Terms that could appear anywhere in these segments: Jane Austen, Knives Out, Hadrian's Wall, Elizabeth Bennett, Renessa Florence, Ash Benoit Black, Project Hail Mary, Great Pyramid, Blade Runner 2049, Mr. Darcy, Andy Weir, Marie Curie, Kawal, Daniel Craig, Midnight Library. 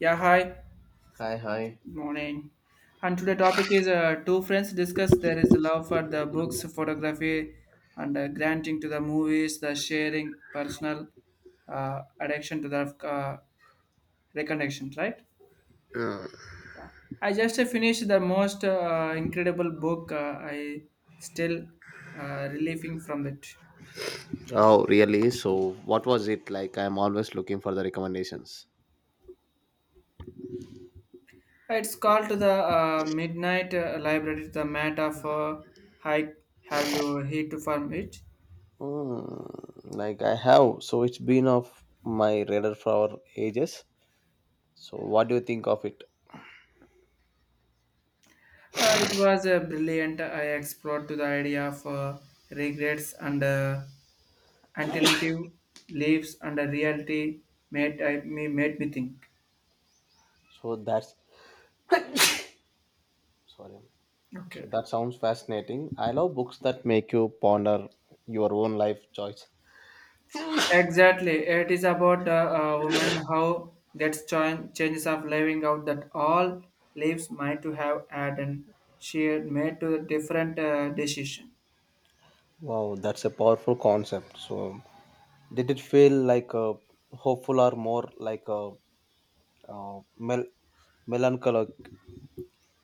Yeah, hi. Hi. Good morning. And today topic is two friends discuss there is love for the books, photography, and granting to the movies, the sharing, personal addiction to the uh, reconnection, right? Yeah. I just finished the most incredible book. I still relieving from it. Oh, really? So what was it like? I'm always looking for the recommendations. It's called to the Midnight Library, the Mat of Hike. Have you heard from it? Hmm, like I have, so it's been off my radar for ages. So what do you think of it? It was brilliant. I explored to the idea of regrets and alternative lives and the reality made, made me think. So that's sorry. Okay. So that sounds fascinating. I love books that make you ponder your own life choice. Exactly. It is about a woman how gets changes of living out that all lives might to have had and she had made to a different decision. Wow, that's a powerful concept. So did it feel like a hopeful or more like a, uh mel- melancholic?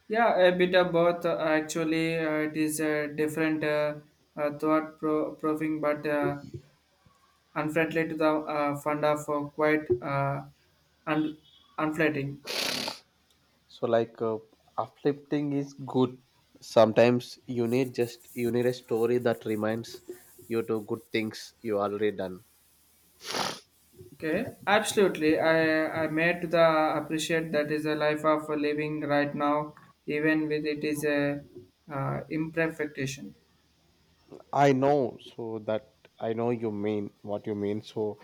Yeah, a bit of both. Actually, it is a different thought proving, but. Unfriendly to the fund of quite un- unflattering. So like uplifting is good. Sometimes you need a story that reminds you to good things you already done. Okay, absolutely. I made to the appreciate that is a life of living right now, even with it is a imperfection. I know so that I know you mean what you mean. So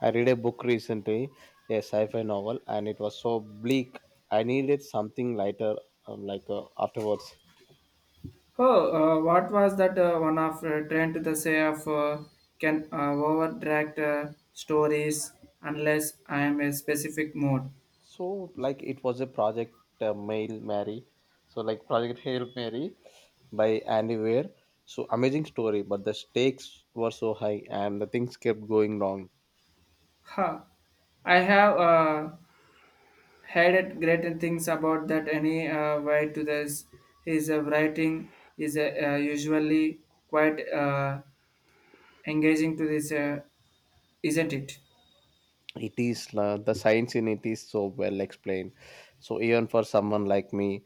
I read a book recently, a sci-fi novel, and it was so bleak. I needed something lighter, like afterwards. Oh, what was that one of trend to the say of can over uh, stories unless I am a specific mode. So, like, it was a project Mail Mary. So, like, Project Hail Mary by Andy Weir. So, amazing story, but the stakes were so high and the things kept going wrong. Ha! I have had it great things about that any way to this. His writing is usually quite engaging to this, isn't it? It is The science in it is so well explained. So, even for someone like me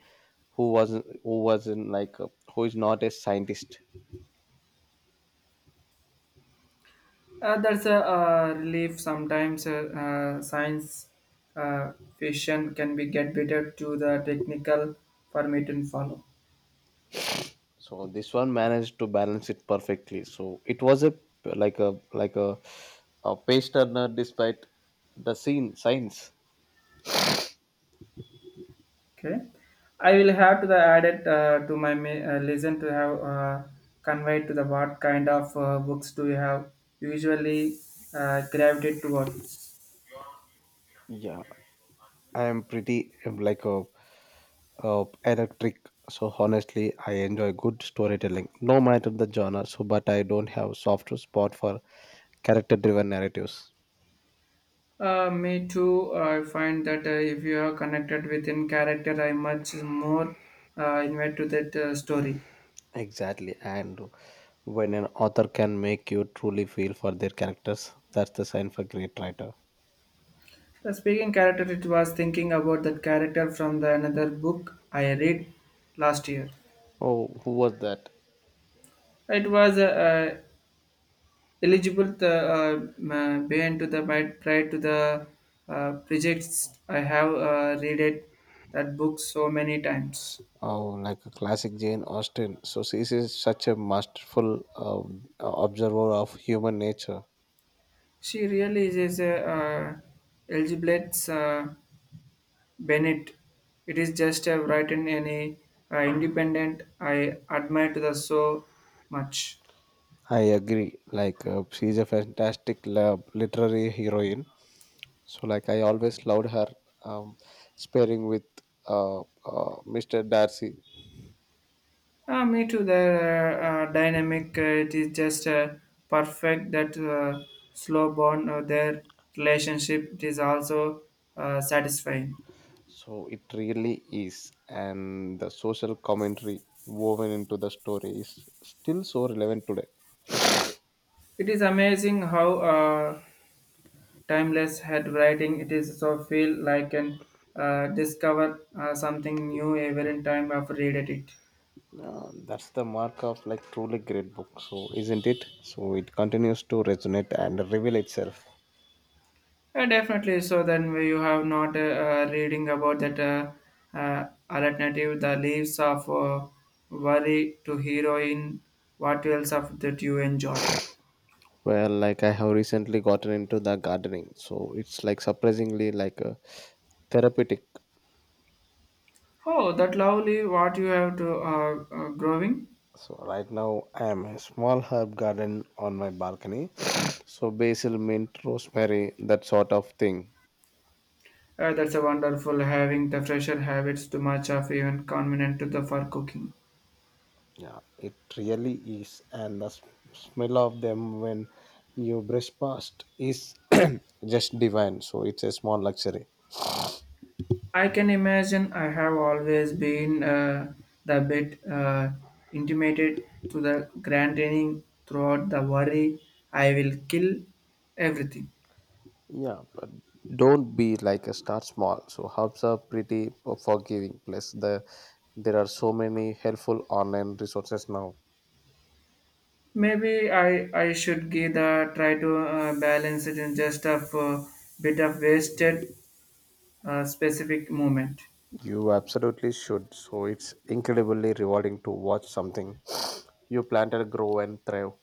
who wasn't like, who is not a scientist. That's a relief. Sometimes science uh, fiction can be get better to the technical format and follow. So this one managed to balance it perfectly. So it was a like a like a, a page turner despite the scene science. Okay, I will have to the add it to my listen to have conveyed to the what kind of books do you have usually gravitate towards. Yeah, I am pretty like a electric. So honestly, I enjoy good storytelling, no matter the genre. So, but I don't have soft spot for character-driven narratives. Me too. I find that if you are connected within character, I much more invite to that story. Exactly, and when an author can make you truly feel for their characters, that's the sign for great writer. The speaking character, it was thinking about that character from the another book I read last year. Oh, who was that? It was uh, eligible the beyond to the might prior to the projects I have read it that book so many times. Oh, like a classic Jane Austen. So she is such a masterful observer of human nature. She really is a Elizabeth Bennett. It is just a written and a independent. I admire to the so much. I agree. Like she's a fantastic literary heroine. So like I always loved her um, sparring with Mr. Darcy. Me too. The dynamic it is just perfect. That slow bond of their relationship it is also satisfying. So it really is, and the social commentary woven into the story is still so relevant today. It is amazing how uh, timeless head writing it is. So feel like and discover something new every time I've read it. That's the mark of like truly great book. So isn't it? So it continues to resonate and reveal itself. Yeah, definitely. So then you have not reading about that alternative, the leaves of worry to heroine. What else of that you enjoy? Well, like I have recently gotten into the gardening, so it's like surprisingly like a therapeutic. Oh, that lovely what you have to growing. So right now I am a small herb garden on my balcony. So basil, mint, rosemary, that sort of thing. That's a wonderful having the fresher habits too much of even convenient to the for cooking. Yeah, it really is, and smell of them when you brush past is just divine. So it's a small luxury. I can imagine I have always been the bit intimidated to the granting throughout the worry I will kill everything. Yeah, but don't be like a start small. So hubs are pretty forgiving. Plus, there are so many helpful online resources now. Maybe I should give the try to balance it in just a bit of wasted specific moment. You absolutely should. So it's incredibly rewarding to watch something you planted grow and thrive.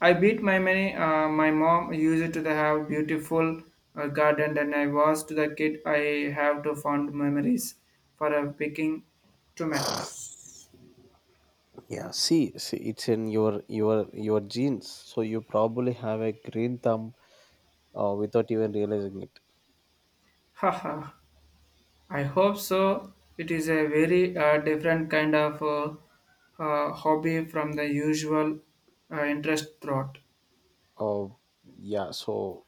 I beat my money. My mom used to the have beautiful garden, and I was to the kid. I have to fond memories for picking tomatoes. Yeah, see, it's in your genes. So you probably have a green thumb without even realizing it. Haha, I hope so. It is a very different kind of hobby from the usual interest thought. Uh, yeah. So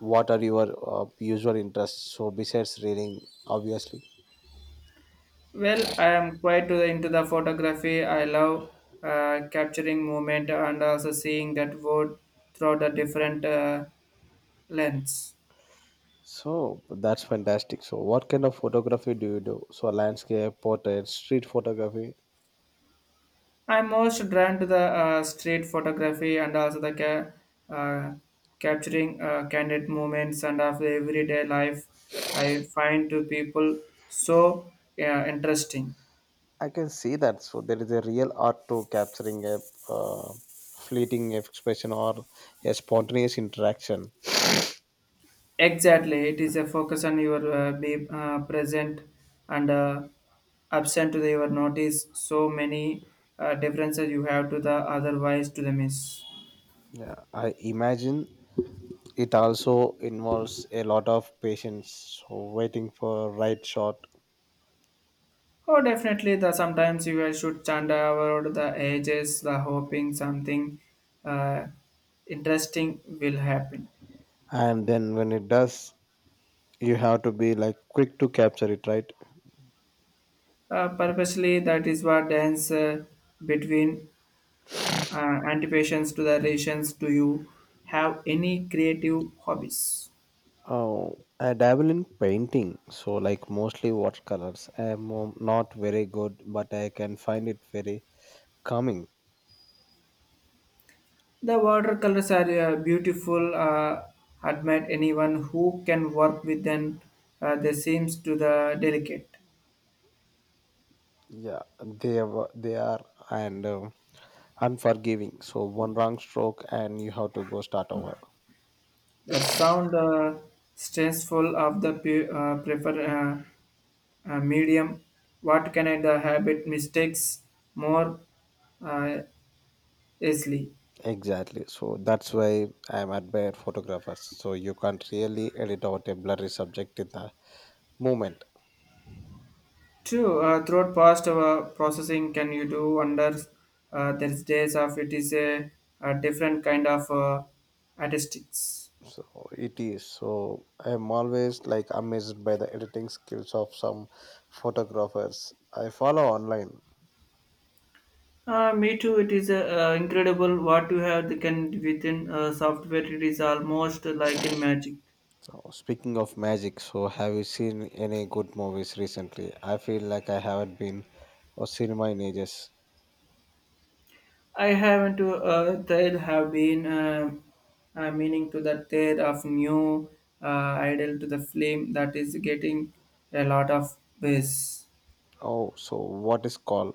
what are your usual interests? So besides reading, obviously. Well, I am quite into the photography. I love capturing movement and also seeing that world through the different lens. So that's fantastic. So what kind of photography do you do? So landscape, portrait, street photography. I'm most drawn to the street photography and also the capturing candid moments and of the everyday life. I find to people so interesting. I can see that. So there is a real art to capturing a uh, fleeting expression or a spontaneous interaction. Exactly, it is a focus on your be present and absent to the, your notice. So many differences you have to the otherwise to the miss. Yeah, I imagine it also involves a lot of patience, so waiting for right shot, Oh, definitely. The sometimes you guys should chant about the ages, the hoping something uh, interesting will happen. and then when it does, you have to be like quick to capture it, right? Purposely, that is what dance between anticipations to the relations. Do you have any creative hobbies? Oh, I dabble in painting, so like mostly watercolors. I'm not very good, but I can find it very calming. The watercolors are beautiful. Admire anyone who can work with them. They seems to the delicate. Yeah, they are and unforgiving. So one wrong stroke and you have to go start over. That sound stressful of the prefer medium. What can I the habit mistakes more uh, easily? Exactly. So that's why I'm admire photographers. So you can't really edit out a blurry subject in the moment. True. Throughout past processing, can you do under there's days of it is a different kind of artistics. So it is. So I'm always like amazed by the editing skills of some photographers I follow online. Me too. It is incredible what you have can within software. It is almost like in magic. So speaking of magic, so have you seen any good movies recently? I feel like I haven't been or cinema in ages. I haven't to there have been meaning to the there of new uh, idol to the flame that is getting a lot of buzz. Oh, so what is called?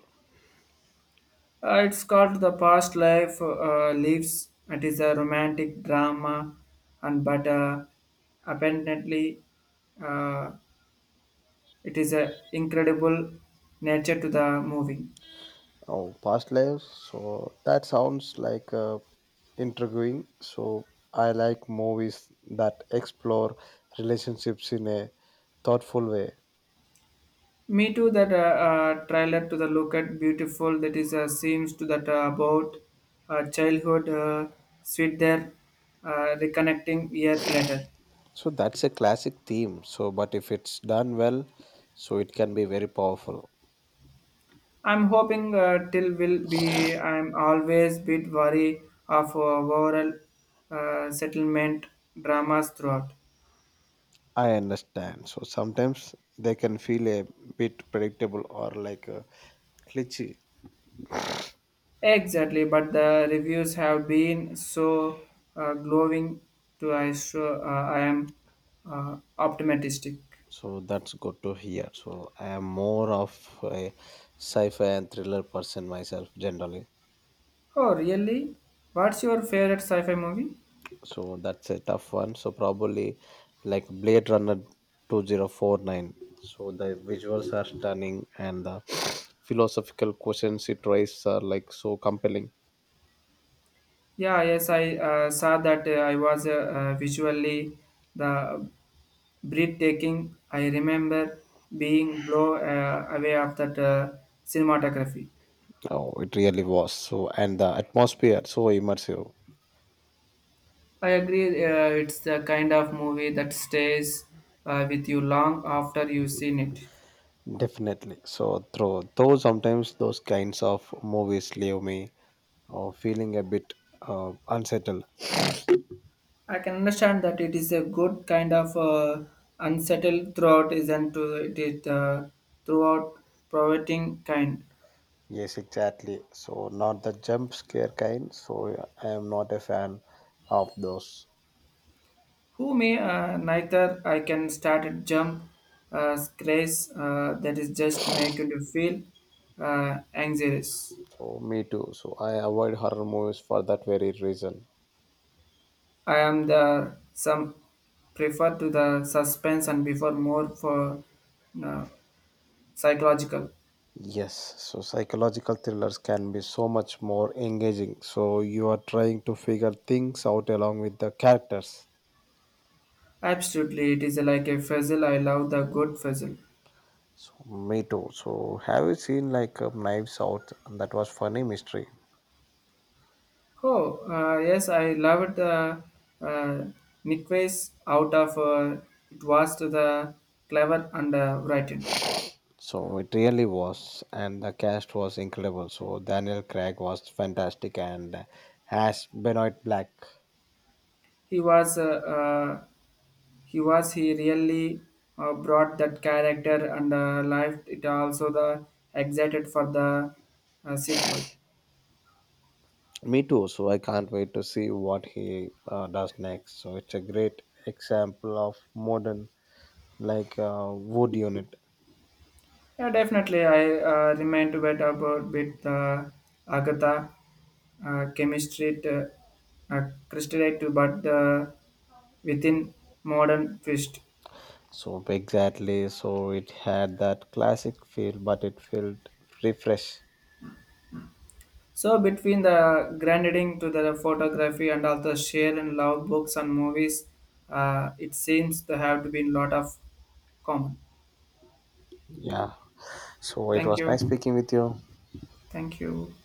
It's called the past life lives. It is a romantic drama, and but apparently, uh, it is a incredible nature to the movie. Oh, past lives. So that sounds like intriguing. So I like movies that explore relationships in a thoughtful way. Me too. That trailer to the look at beautiful. That is seems to that about childhood sweet there, reconnecting year later. So that's a classic theme. So, but if it's done well, so it can be very powerful. I'm hoping till will be. I'm always bit worry of overall settlement dramas throughout. I understand. So sometimes they can feel a bit predictable or like a glitchy. Exactly, but the reviews have been so glowing. To I sure I am optimistic. So that's good to hear. So I am more of a sci fi and thriller person myself generally. Oh, really? What's your favorite sci-fi movie? So that's a tough one. So probably like Blade Runner 2049. So the visuals are stunning and the philosophical questions it raises are like so compelling. Yeah, yes, I saw that. I was visually the breathtaking. I remember being blown away of that cinematography. Oh, it really was. So and the atmosphere so immersive. I agree. It's the kind of movie that stays with you long after you've seen it. Definitely. So though sometimes those kinds of movies leave me feeling a bit unsettled. I can understand that it is a good kind of unsettled throughout, isn't it? It is throughout provoking kind. Yes, exactly. So not the jump scare kind. So I am not a fan of those. Who may neither I can start a jump grace that is just making you feel anxious. So me too. So I avoid horror movies for that very reason. I am the some prefer to the suspense and before more for uh, psychological. Yes, so psychological thrillers can be so much more engaging. So you are trying to figure things out along with the characters. Absolutely, it is like a fizzle. I love the good fizzle. So me too. So have you seen like Knives Out? That was funny mystery. Oh, yes, I loved the uh, Nickways out of it was to the clever and writing. So it really was, and the cast was incredible. So Daniel Craig was fantastic, and Ash Benoit Black. He was uh, he really brought that character and life it also the excited for the sequel. Me too. So I can't wait to see what he does next. So it's a great example of modern, like wood unit. Yeah, definitely, I remain to wait about with Agatha chemistry to, uh, crystallite to but within modern twist. So exactly. So it had that classic feel, but it felt refresh. So between the granding to the photography and also share and love books and movies, it seems to have to be a lot of common. Yeah. So it Thank was you. nice speaking with you. Thank you.